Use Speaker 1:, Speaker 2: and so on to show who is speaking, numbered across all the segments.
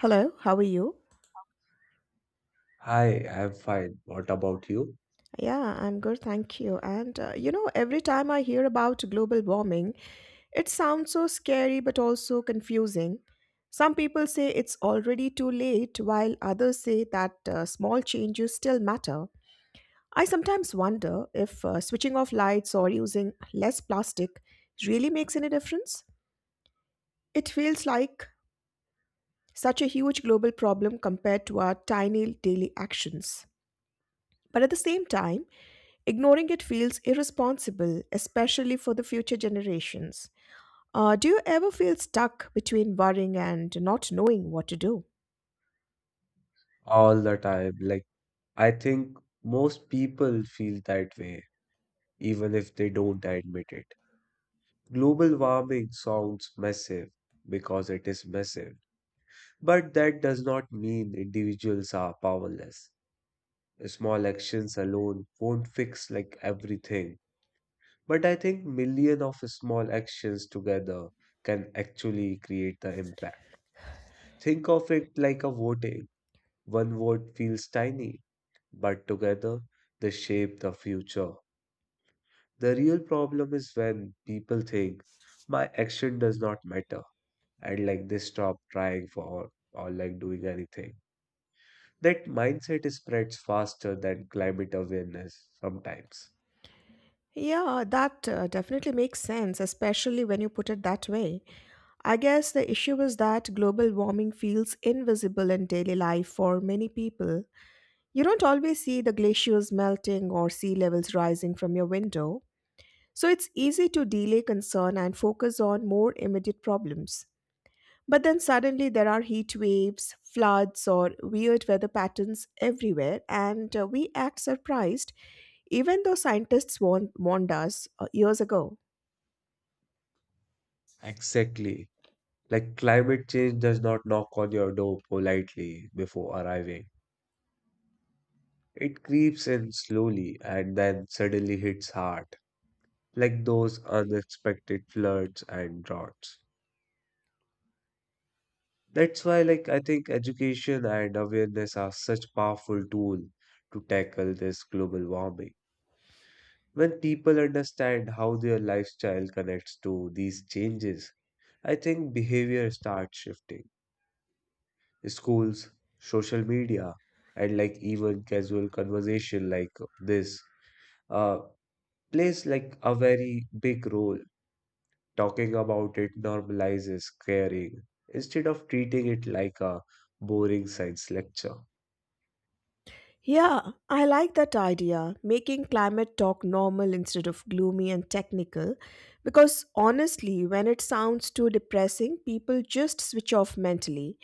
Speaker 1: Hello, how are you?
Speaker 2: Hi, I'm fine. What about you?
Speaker 1: Yeah, I'm good, thank you. And every time I hear about global warming, it sounds so scary but also confusing. Some people say it's already too late, while others say that small changes still matter. I sometimes wonder if switching off lights or using less plastic really makes any difference. It feels like such a huge global problem compared to our tiny daily actions. But at the same time, ignoring it feels irresponsible, especially for the future generations. Do you ever feel stuck between worrying and not knowing what to do?
Speaker 2: All the time. Like, I think most people feel that way, even if they don't admit it. Global warming sounds massive because it is massive, but that does not mean individuals are powerless. Small actions alone won't fix like everything, but I think million of small actions together can actually create the impact. Think of it like a voting. One word feels tiny, but together they shape the future. The real problem is when people think my action does not matter and like they stop trying for or like doing anything. That mindset spreads faster than climate awareness sometimes.
Speaker 1: Yeah, that definitely makes sense, especially when you put it that way. I guess the issue is that global warming feels invisible in daily life for many people. You don't always see the glaciers melting or sea levels rising from your window, so it's easy to delay concern and focus on more immediate problems. But then suddenly there are heat waves, floods, or weird weather patterns everywhere, and we act surprised, even though scientists warned us years ago.
Speaker 2: Exactly. Like climate change does not knock on your door politely before arriving. It creeps in slowly and then suddenly hits hard. Like those unexpected floods and droughts. That's why, like, I think education and awareness are such powerful tool to tackle this global warming. When people understand how their lifestyle connects to these changes, I think behavior starts shifting. Schools, social media, and like even casual conversation like this uh, plays like a very big role. Talking about it normalizes caring instead of treating it like a boring science lecture.
Speaker 1: Yeah, I like that idea, making climate talk normal instead of gloomy and technical. Because honestly, when it sounds too depressing, people just switch off mentally.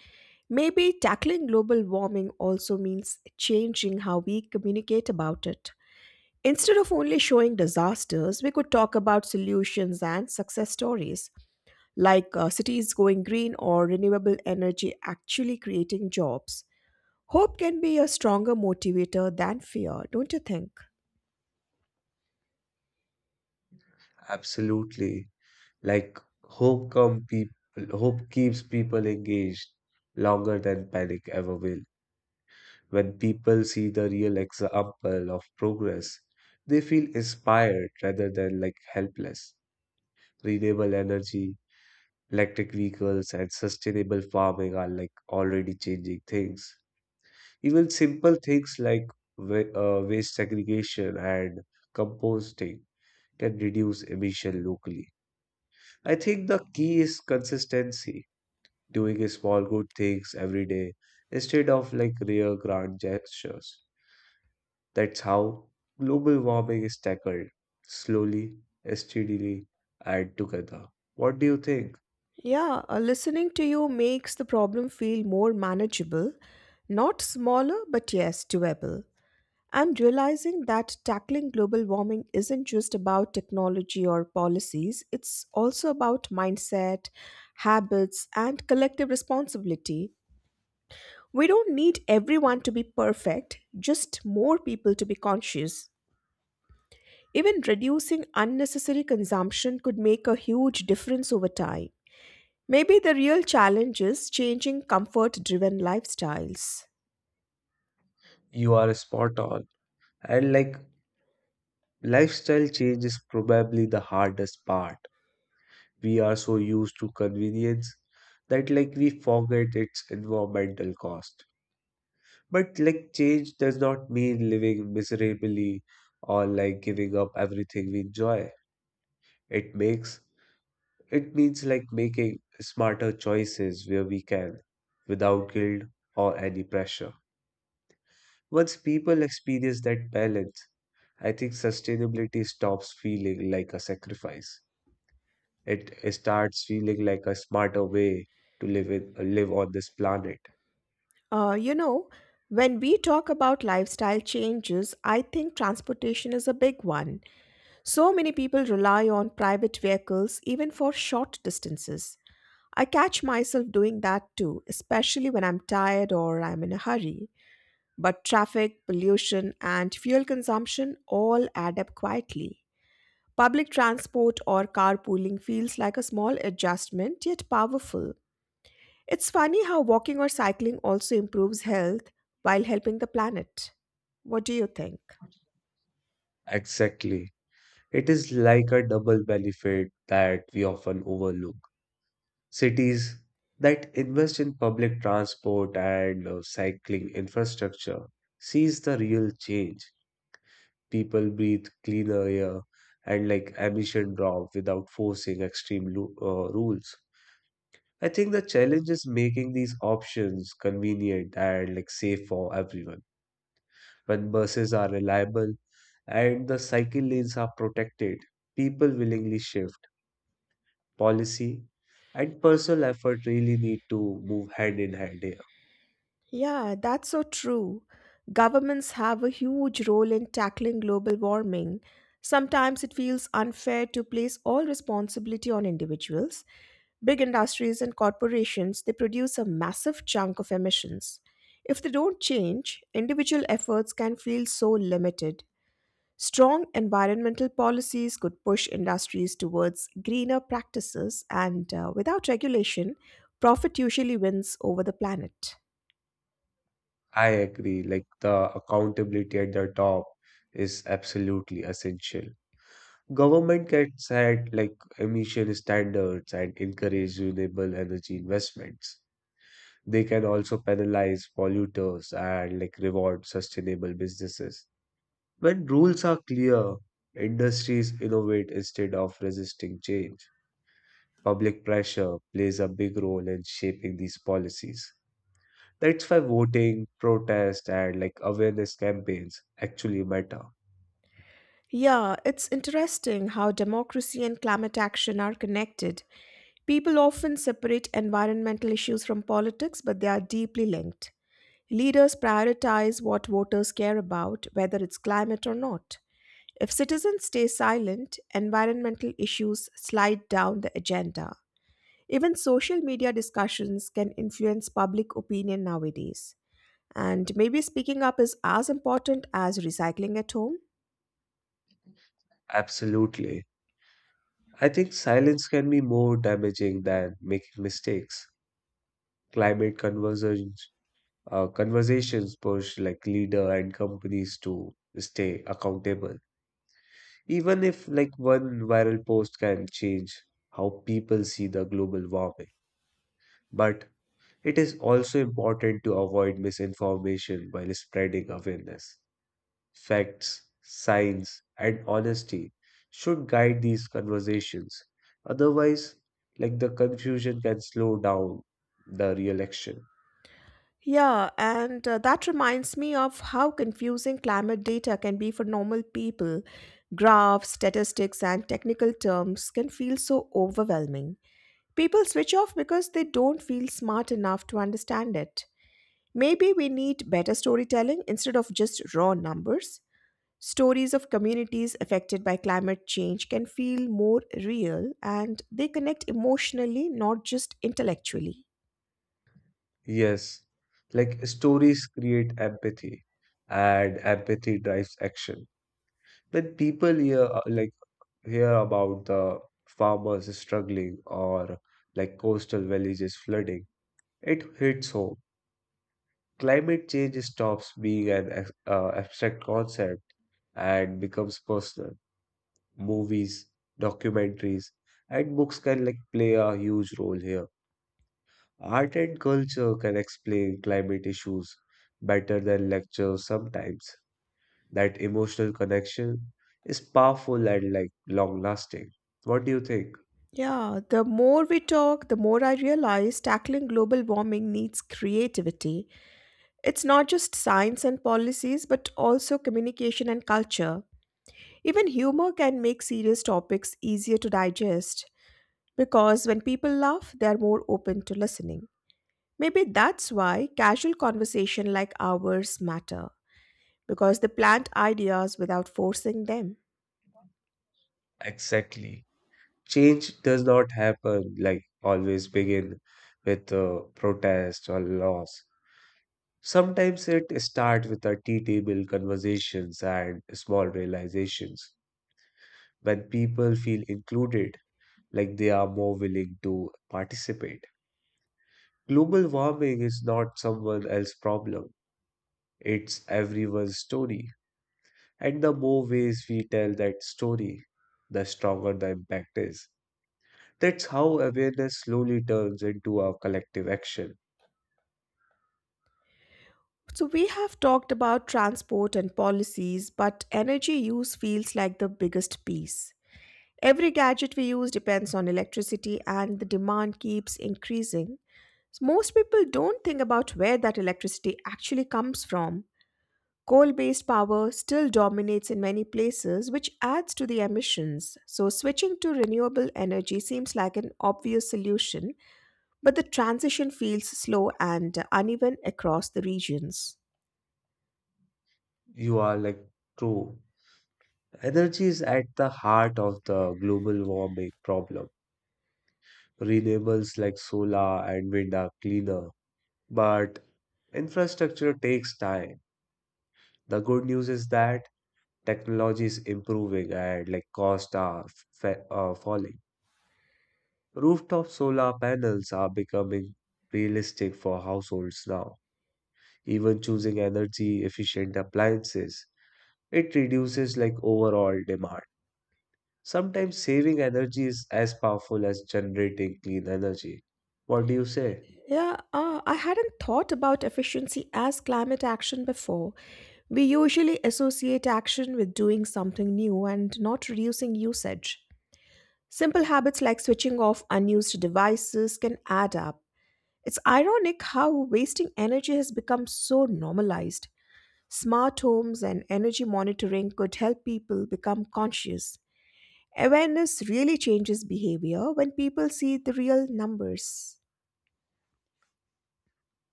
Speaker 1: Maybe tackling global warming also means changing how we communicate about it. Instead of only showing disasters, we could talk about solutions and success stories, like cities going green or renewable energy actually creating jobs. Hope can be a stronger motivator than fear, don't you think?
Speaker 2: Absolutely. Like hope keeps people engaged longer than panic ever will. When people see the real example of progress, they feel inspired rather than like helpless. Renewable energy, electric vehicles and sustainable farming are like already changing things. Even simple things like waste segregation and composting can reduce emission locally. I think the key is consistency, doing a small good things every day instead of like rare grand gestures. That's how global warming is tackled slowly, steadily, and together. What do you think?
Speaker 1: Yeah, listening to you makes the problem feel more manageable, not smaller, but yes, doable. I'm realizing that tackling global warming isn't just about technology or policies, it's also about mindset, habits, and collective responsibility. We don't need everyone to be perfect, just more people to be conscious. Even reducing unnecessary consumption could make a huge difference over time. Maybe the real challenge is changing comfort driven lifestyles.
Speaker 2: You are spot on. And like lifestyle change is probably the hardest part. We are so used to convenience that like we forget its environmental cost. But like change does not mean living miserably or like giving up everything we enjoy. It makes it means like making smarter choices where we can without guilt or any pressure. Once people experience that balance, I think sustainability stops feeling like a sacrifice. It starts feeling like a smarter way to live on this planet.
Speaker 1: Uh, you know, when we talk about lifestyle changes, I think transportation is a big one. So many people rely on private vehicles even for short distances. I catch myself doing that too, especially when I'm tired or I'm in a hurry. But traffic, pollution, and fuel consumption all add up quietly. Public transport or carpooling feels like a small adjustment yet powerful. It's funny how walking or cycling also improves health while helping the planet. What do you think?
Speaker 2: Exactly. It is like a double benefit that we often overlook. Cities that invest in public transport and cycling infrastructure sees the real change. People breathe cleaner air and like emission drop without forcing extreme rules. I think the challenge is making these options convenient and like safe for everyone. When buses are reliable and the cycle lanes are protected, people willingly shift. Policy and personal effort really need to move hand in hand here.
Speaker 1: Yeah, that's so true. Governments have a huge role in tackling global warming. Sometimes it feels unfair to place all responsibility on individuals. Big industries and corporations, they produce a massive chunk of emissions. If they don't change, individual efforts can feel so limited. Strong environmental policies could push industries towards greener practices, and without regulation, profit usually wins over the planet.
Speaker 2: I agree, like the accountability at the top is absolutely essential. Government can set like emission standards and encourage renewable energy investments. They can also penalize polluters and like reward sustainable businesses. When rules are clear, industries innovate instead of resisting change. Public pressure plays a big role in shaping these policies. That's why voting, protest, and like awareness campaigns actually matter.
Speaker 1: Yeah, it's interesting how democracy and climate action are connected. People often separate environmental issues from politics, but they are deeply linked. Leaders prioritize what voters care about, whether it's climate or not. If citizens stay silent, environmental issues slide down the agenda. Even social media discussions can influence public opinion nowadays. And maybe speaking up is as important as recycling at home.
Speaker 2: Absolutely. I think silence can be more damaging than making mistakes. Climate conversations push like leader and companies to stay accountable. Even if like one viral post can change how people see the global warming, but it is also important to avoid misinformation while spreading awareness. Facts, science, and honesty should guide these conversations. Otherwise, like the confusion can slow down the real action.
Speaker 1: Yeah, and that reminds me of how confusing climate data can be for normal people. Graphs, statistics, and technical terms can feel so overwhelming. People switch off because they don't feel smart enough to understand it. Maybe we need better storytelling instead of just raw numbers. Stories of communities affected by climate change can feel more real and they connect emotionally, not just intellectually.
Speaker 2: Yes, like stories create empathy, and empathy drives action. When people hear about the farmers struggling or like coastal villages flooding, it hits home. Climate change stops being an abstract concept and becomes personal. Movies, documentaries, and books can like play a huge role here. Art and culture can explain climate issues better than lectures sometimes. That emotional connection is powerful and like long lasting. What do you think?
Speaker 1: Yeah, the more we talk, the more I realize tackling global warming needs creativity. It's not just science and policies, but also communication and culture. Even humor can make serious topics easier to digest. Because when people laugh, they are more open to listening. Maybe that's why casual conversation like ours matter, because they plant ideas without forcing them.
Speaker 2: Exactly. Change does not happen like always begin with protest or loss. Sometimes it starts with our tea table conversations and small realizations when people feel included, like they are more willing to participate. Global warming is not someone else's problem, it's everyone's story. And the more ways we tell that story, the stronger the impact is. That's how awareness slowly turns into a collective action.
Speaker 1: So we have talked about transport and policies, but energy use feels like the biggest piece. Every gadget we use depends on electricity and the demand keeps increasing. So most people don't think about where that electricity actually comes from. Coal based power still dominates in many places, which adds to the emissions. So, switching to renewable energy seems like an obvious solution, but the transition feels slow and uneven across the regions.
Speaker 2: You are like true. Energy is at the heart of the global warming problem. Renewables like solar and wind are cleaner, but infrastructure takes time. The good news is that technology is improving and like costs are falling. Rooftop solar panels are becoming realistic for households now. Even choosing energy efficient appliances, it reduces like overall demand. Sometimes saving energy is as powerful as generating clean energy. What do you say?
Speaker 1: Yeah, I hadn't thought about efficiency as climate action before. We usually associate action with doing something new and not reducing usage. Simple habits like switching off unused devices can add up. It's ironic how wasting energy has become so normalized. Smart homes and energy monitoring could help people become conscious. Awareness really changes behavior when people see the real numbers.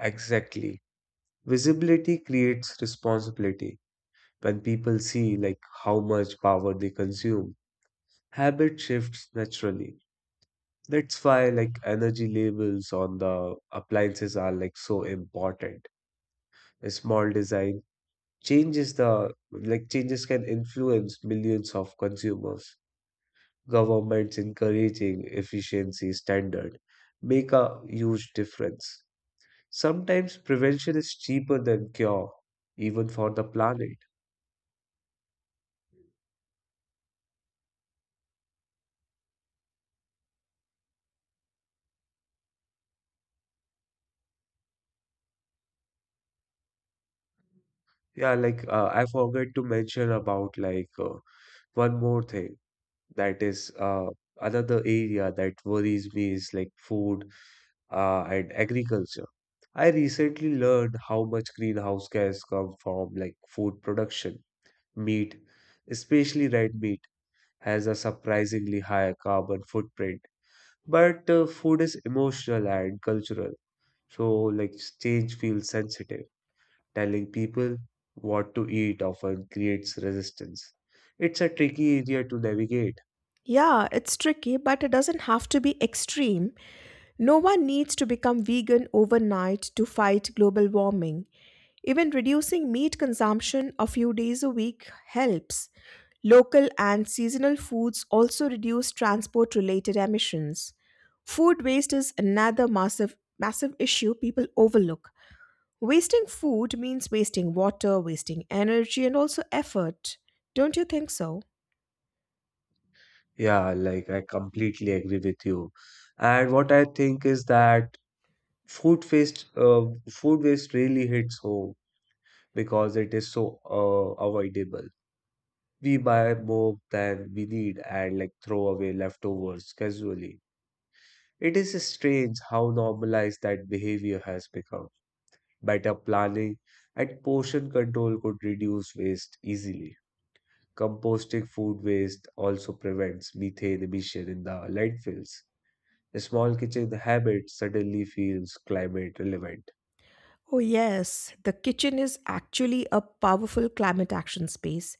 Speaker 2: Exactly. Visibility creates responsibility. When people see like how much power they consume, habit shifts naturally. That's why like energy labels on the appliances are like so important. A small design changes the like changes can influence millions of consumers. Governments encouraging efficiency standard make a huge difference. Sometimes prevention is cheaper than cure, even for the planet. Yeah, like I forgot to mention about like one more thing that is another area that worries me is like food and agriculture. I recently learned how much greenhouse gas come from like food production, meat, especially red meat has a surprisingly high carbon footprint. But food is emotional and cultural, so like change feels sensitive. Telling people what to eat often creates resistance. It's a tricky area to navigate.
Speaker 1: Yeah, it's tricky, but it doesn't have to be extreme. No one needs to become vegan overnight to fight global warming. Even reducing meat consumption a few days a week helps. Local and seasonal foods also reduce transport related emissions. Food waste is another massive issue people overlook. Wasting food means wasting water, wasting energy and also effort. Don't you think so?
Speaker 2: Yeah, like I completely agree with you. And what I think is that food waste, uh, food waste really hits home because it is so avoidable. We buy more than we need and like throw away leftovers casually. It is strange how normalized that behavior has become. Better planning and portion control could reduce waste easily. Composting food waste also prevents methane emission in the landfills. Small kitchen habits suddenly feels climate relevant.
Speaker 1: Oh, yes, the kitchen is actually a powerful climate action space.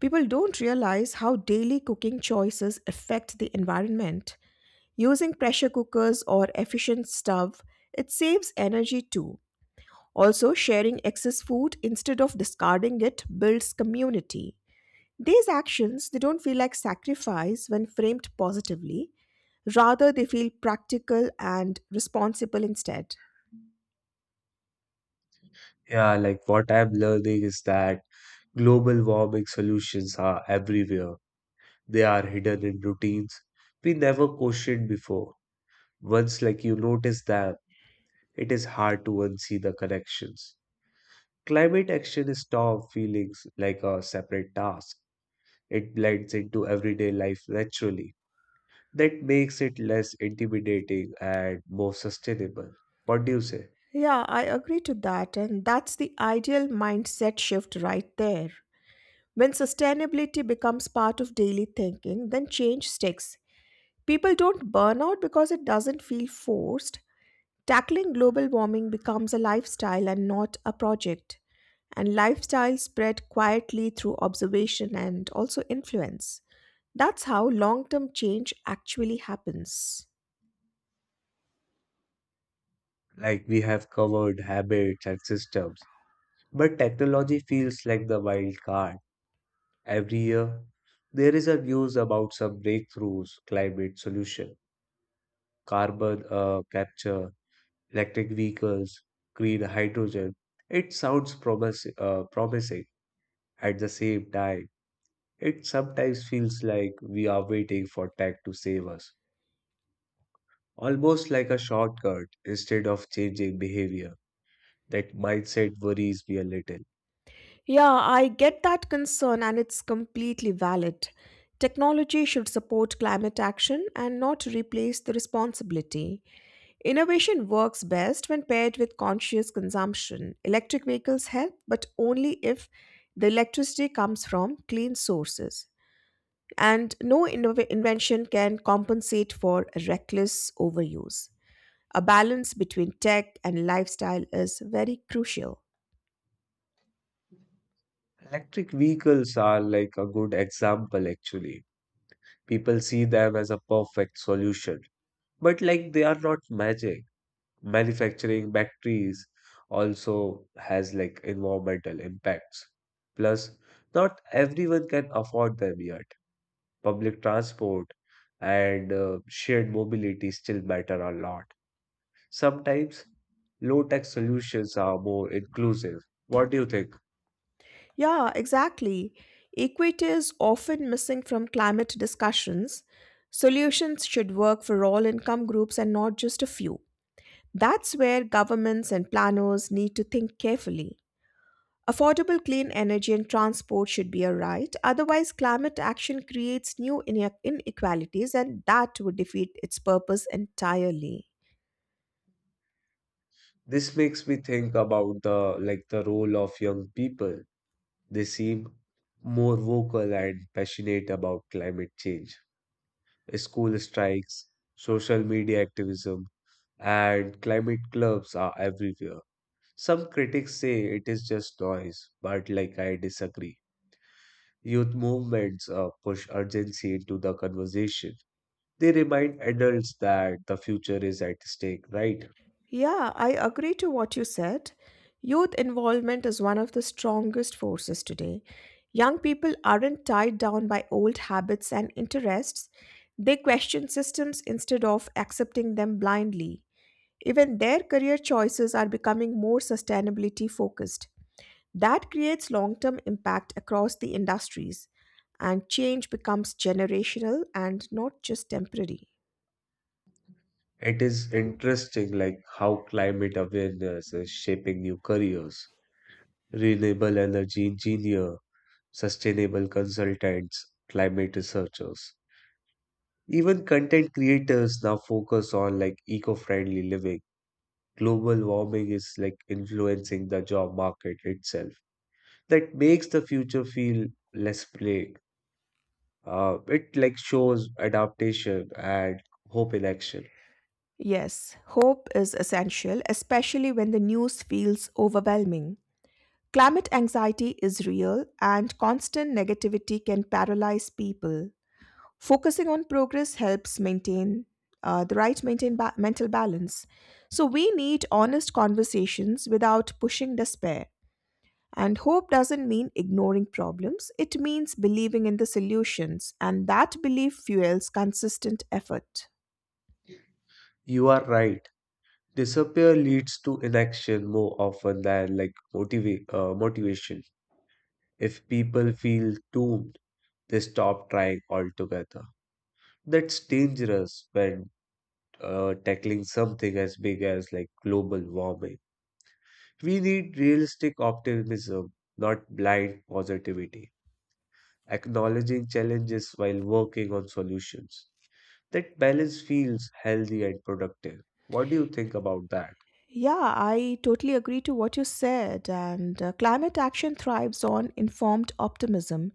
Speaker 1: People don't realize how daily cooking choices affect the environment. Using pressure cookers or efficient stove, it saves energy too. Also, sharing excess food instead of discarding it builds community. These actions, they don't feel like sacrifice when framed positively. Rather, they feel practical and responsible instead.
Speaker 2: Yeah, like what I'm learning is that global warming solutions are everywhere. They are hidden in routines we never questioned before. Once like you notice them, it is hard to unsee the connections. Climate action is taught feelings like a separate task. It blends into everyday life naturally. That makes it less intimidating and more sustainable. What do you say?
Speaker 1: Yeah, I agree to that. And that's the ideal mindset shift right there. When sustainability becomes part of daily thinking, then change sticks. People don't burn out because it doesn't feel forced. Tackling global warming becomes a lifestyle and not a project. And lifestyle spread quietly through observation and also influence. That's how long term change actually happens.
Speaker 2: Like we have covered habits and systems, but technology feels like the wild card. Every year, there is a news about some breakthroughs, climate solution, carbon capture, electric vehicles, green hydrogen. It sounds promising. At the same time, it sometimes feels like we are waiting for tech to save us, almost like a shortcut instead of changing behavior. That mindset worries me a little.
Speaker 1: Yeah, I get that concern and it's completely valid. Technology should support climate action and not replace the responsibility. Innovation works best when paired with conscious consumption. Electric vehicles help, but only if the electricity comes from clean sources. And no invention can compensate for reckless overuse. A balance between tech and lifestyle is very crucial.
Speaker 2: Electric vehicles are like a good example, actually. People see them as a perfect solution, but like they are not magic. Manufacturing factories also has like environmental impacts. Plus, not everyone can afford them yet. Public transport and shared mobility still matter a lot. Sometimes low tech solutions are more inclusive. What do you think?
Speaker 1: Yeah, exactly. Equity is often missing from climate discussions. Solutions should work for all income groups and not just a few. That's where governments and planners need to think carefully. Affordable clean energy and transport should be a right, otherwise, climate action creates new inequalities and that would defeat its purpose entirely.
Speaker 2: This makes me think about the role of young people. They seem more vocal and passionate about climate change. School strikes, social media activism, and climate clubs are everywhere. Some critics say it is just noise, but like I disagree. Youth movements push urgency into the conversation. They remind adults that the future is at stake, right?
Speaker 1: Yeah, I agree to what you said. Youth involvement is one of the strongest forces today. Young people aren't tied down by old habits and interests, they question systems instead of accepting them blindly. Even their career choices are becoming more sustainability focused. That creates long term impact across the industries, and change becomes generational and not just temporary.
Speaker 2: It is interesting like how climate awareness is shaping new careers. Renewable energy engineer, sustainable consultants, climate researchers. Even content creators now focus on like eco-friendly living. Global warming is like influencing the job market itself. That makes the future feel less bleak. It like shows adaptation and hope in action.
Speaker 1: Yes, hope is essential, especially when the news feels overwhelming. Climate anxiety is real, and constant negativity can paralyze people. Focusing on progress helps maintain the right maintain mental balance. So, we need honest conversations without pushing despair. And hope doesn't mean ignoring problems, it means believing in the solutions, and that belief fuels consistent effort.
Speaker 2: You are right. Disappear leads to inaction more often than like motivate motivation. If people feel doomed, they stop trying altogether. That's dangerous when tackling something as big as like global warming. We need realistic optimism, not blind positivity, acknowledging challenges while working on solutions. That balance feels healthy and productive. What do you think about that?
Speaker 1: Yeah, I totally agree to what you said. And climate action thrives on informed optimism.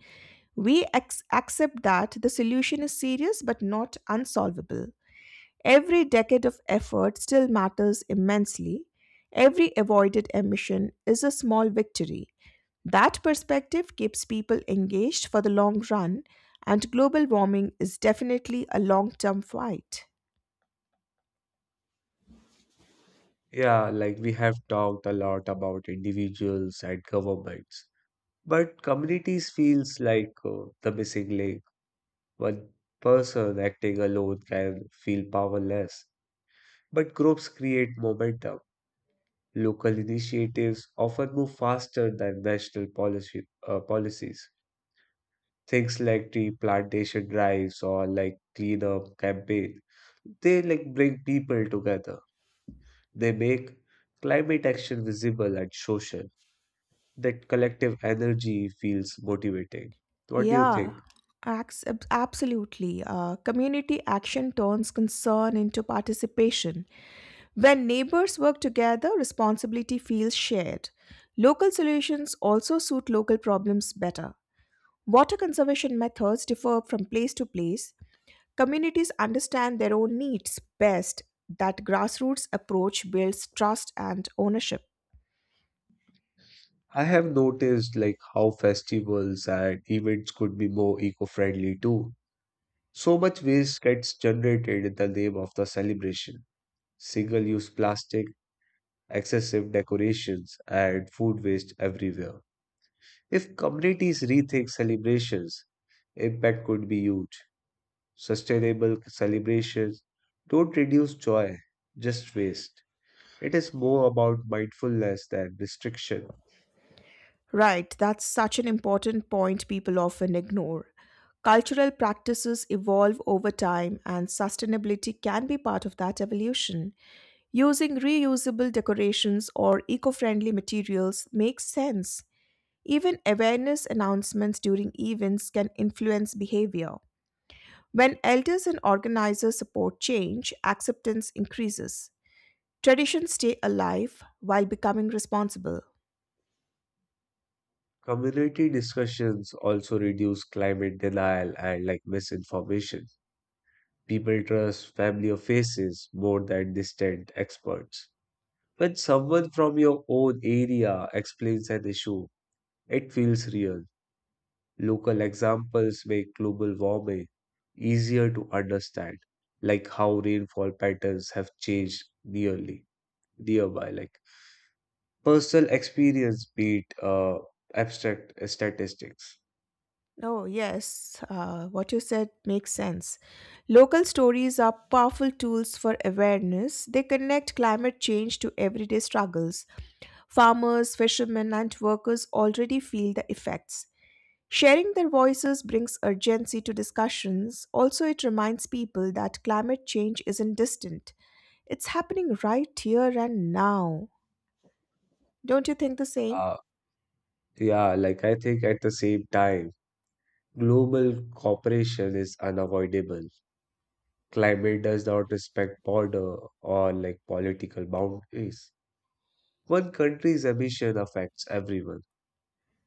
Speaker 1: We accept that the solution is serious but not unsolvable. Every decade of effort still matters immensely. Every avoided emission is a small victory. That perspective keeps people engaged for the long run, and global warming is definitely a long term fight.
Speaker 2: Yeah, like we have talked a lot about individuals and governments, but communities feels like the missing link. One person acting alone can feel powerless, but groups create momentum. Local initiatives often move faster than national policies. Things like tree plantation drives or like cleanup campaign, they like bring people together. They make climate action visible and social. That collective energy feels motivating. What do you
Speaker 1: Yeah,
Speaker 2: think?
Speaker 1: absolutely. Community action turns concern into participation. When neighbors work together, responsibility feels shared. Local solutions also suit local problems better. Water conservation methods differ from place to place. Communities understand their own needs best. That grassroots approach builds trust and ownership.
Speaker 2: I have noticed like how festivals and events could be more eco-friendly too. So much waste gets generated in the name of the celebration. Single-use plastic, excessive decorations, and food waste everywhere. If communities rethink celebrations, impact could be huge. Sustainable celebrations don't reduce joy, just waste. It is more about mindfulness than restriction.
Speaker 1: Right, that's such an important point people often ignore. Cultural practices evolve over time, and sustainability can be part of that evolution. Using reusable decorations or eco friendly materials makes sense. Even awareness announcements during events can influence behavior. When elders and organizers support change, acceptance increases. Traditions stay alive while becoming responsible.
Speaker 2: Community discussions also reduce climate denial and like misinformation. People trust familiar faces more than distant experts. When someone from your own area explains an issue, it feels real. Local examples make global warming easier to understand, like how rainfall patterns have changed nearly nearby. Like personal experience beat abstract statistics.
Speaker 1: Oh, yes, what you said makes sense. Local stories are powerful tools for awareness. They connect climate change to everyday struggles. Farmers, fishermen, and workers already feel the effects. Sharing their voices brings urgency to discussions. Also, it reminds people that climate change isn't distant, it's happening right here and now. Don't you think the same?
Speaker 2: Uh, yeah, like I think at the same time, global cooperation is unavoidable. Climate does not respect border or like political boundaries. One country's emission affects everyone.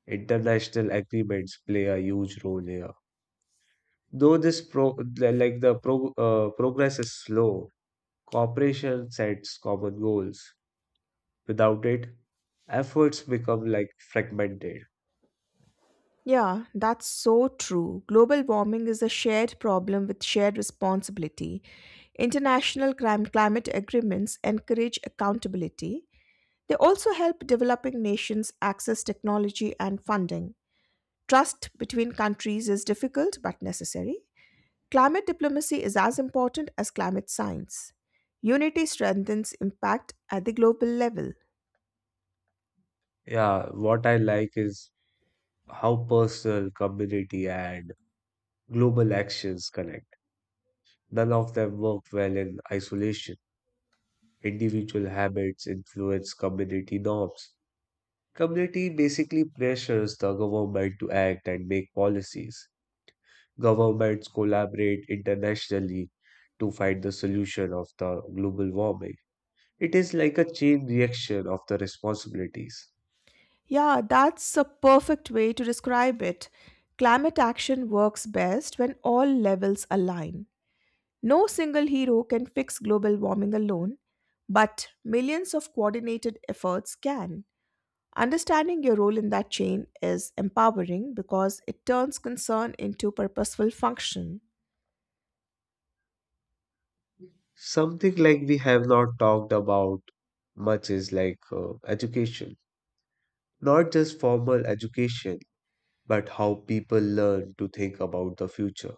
Speaker 2: International agreements play a huge role here. Though this pro the- like the pro progress is slow, cooperation sets common goals. Without it, efforts become like fragmented.
Speaker 1: Yeah, that's so true. Global warming is a shared problem with shared responsibility. International climate agreements encourage accountability. They also help developing nations access technology and funding. Trust between countries is difficult but necessary. Climate diplomacy is as important as climate science. Unity strengthens impact at the global level.
Speaker 2: Yeah, what I like is how personal, community, and global actions connect. None of them work well in isolation. Individual habits influence community norms. Community basically pressures the government to act and make policies. Governments collaborate internationally to find the solution of the global warming. It is like a chain reaction of the responsibilities.
Speaker 1: Yeah, that's a perfect way to describe it. Climate action works best when all levels align. No single hero can fix global warming alone, but millions of coordinated efforts can. Understanding your role in that chain is empowering because it turns concern into purposeful function.
Speaker 2: Something like we have not talked about much is like education. Not just formal education, but how people learn to think about the future.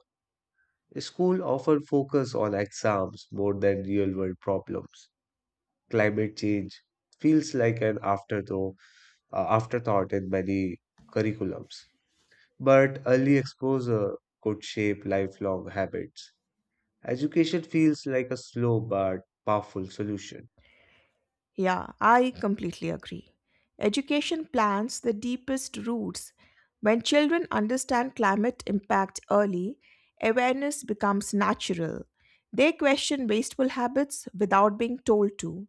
Speaker 2: School often focus on exams more than real world problems. Climate change feels like an afterthought in many curriculums. But early exposure could shape lifelong habits. Education feels like a slow but powerful solution.
Speaker 1: Yeah, I completely agree. Education plants the deepest roots. When children understand climate impact early, awareness becomes natural. They question wasteful habits without being told to.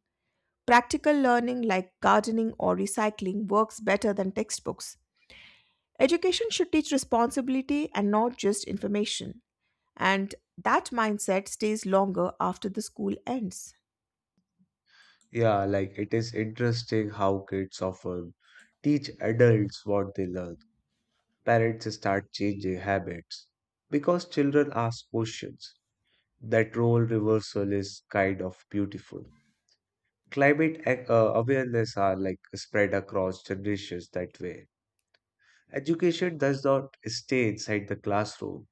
Speaker 1: Practical learning like gardening or recycling works better than textbooks. Education should teach responsibility and not just information. And that mindset stays longer after the school ends.
Speaker 2: Yeah, like it is interesting how kids often teach adults what they learn. Parents start changing habits because children ask questions. That role reversal is kind of beautiful. Climate awareness are like spread across generations that way. Education does not stay inside the classroom.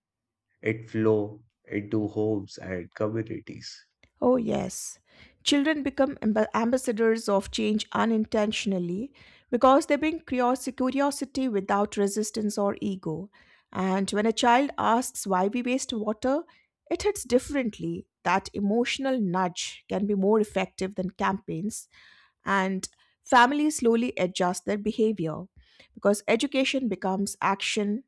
Speaker 2: It flow into homes and communities.
Speaker 1: Oh, yes. Children become ambassadors of change unintentionally because they bring curiosity without resistance or ego. And when a child asks why we waste water, it hits differently. That emotional nudge can be more effective than campaigns, and families slowly adjust their behavior because education becomes action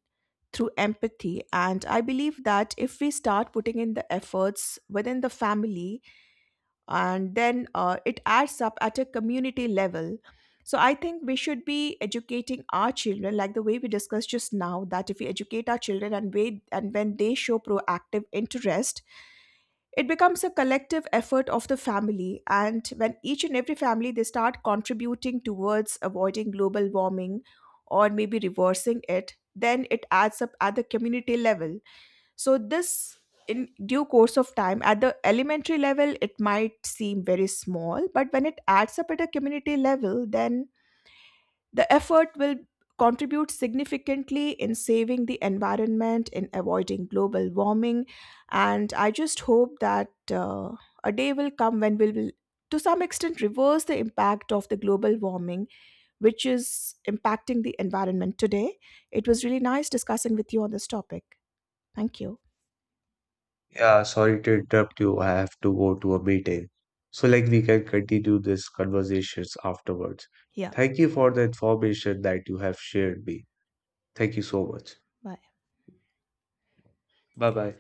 Speaker 1: through empathy. And I believe that if we start putting in the efforts within the family, and then it adds up at a community level, so I think we should be educating our children like the way we discussed just now, that if we educate our children and when they show proactive interest, it becomes a collective effort of the family, and when each and every family they start contributing towards avoiding global warming or maybe reversing it, then it adds up at the community level. So, this, in due course of time, at the elementary level, it might seem very small, but when it adds up at a community level, then the effort will contribute significantly in saving the environment, in avoiding global warming. And I just hope that a day will come when we will, to some extent, reverse the impact of the global warming, which is impacting the environment today. It was really nice discussing with you on this topic. Thank you.
Speaker 2: Yeah, sorry to interrupt you. I have to go to a meeting. So like we can continue this conversations afterwards.
Speaker 1: Yeah.
Speaker 2: Thank you for the information that you have shared me. Thank you so much.
Speaker 1: Bye.
Speaker 2: Bye bye.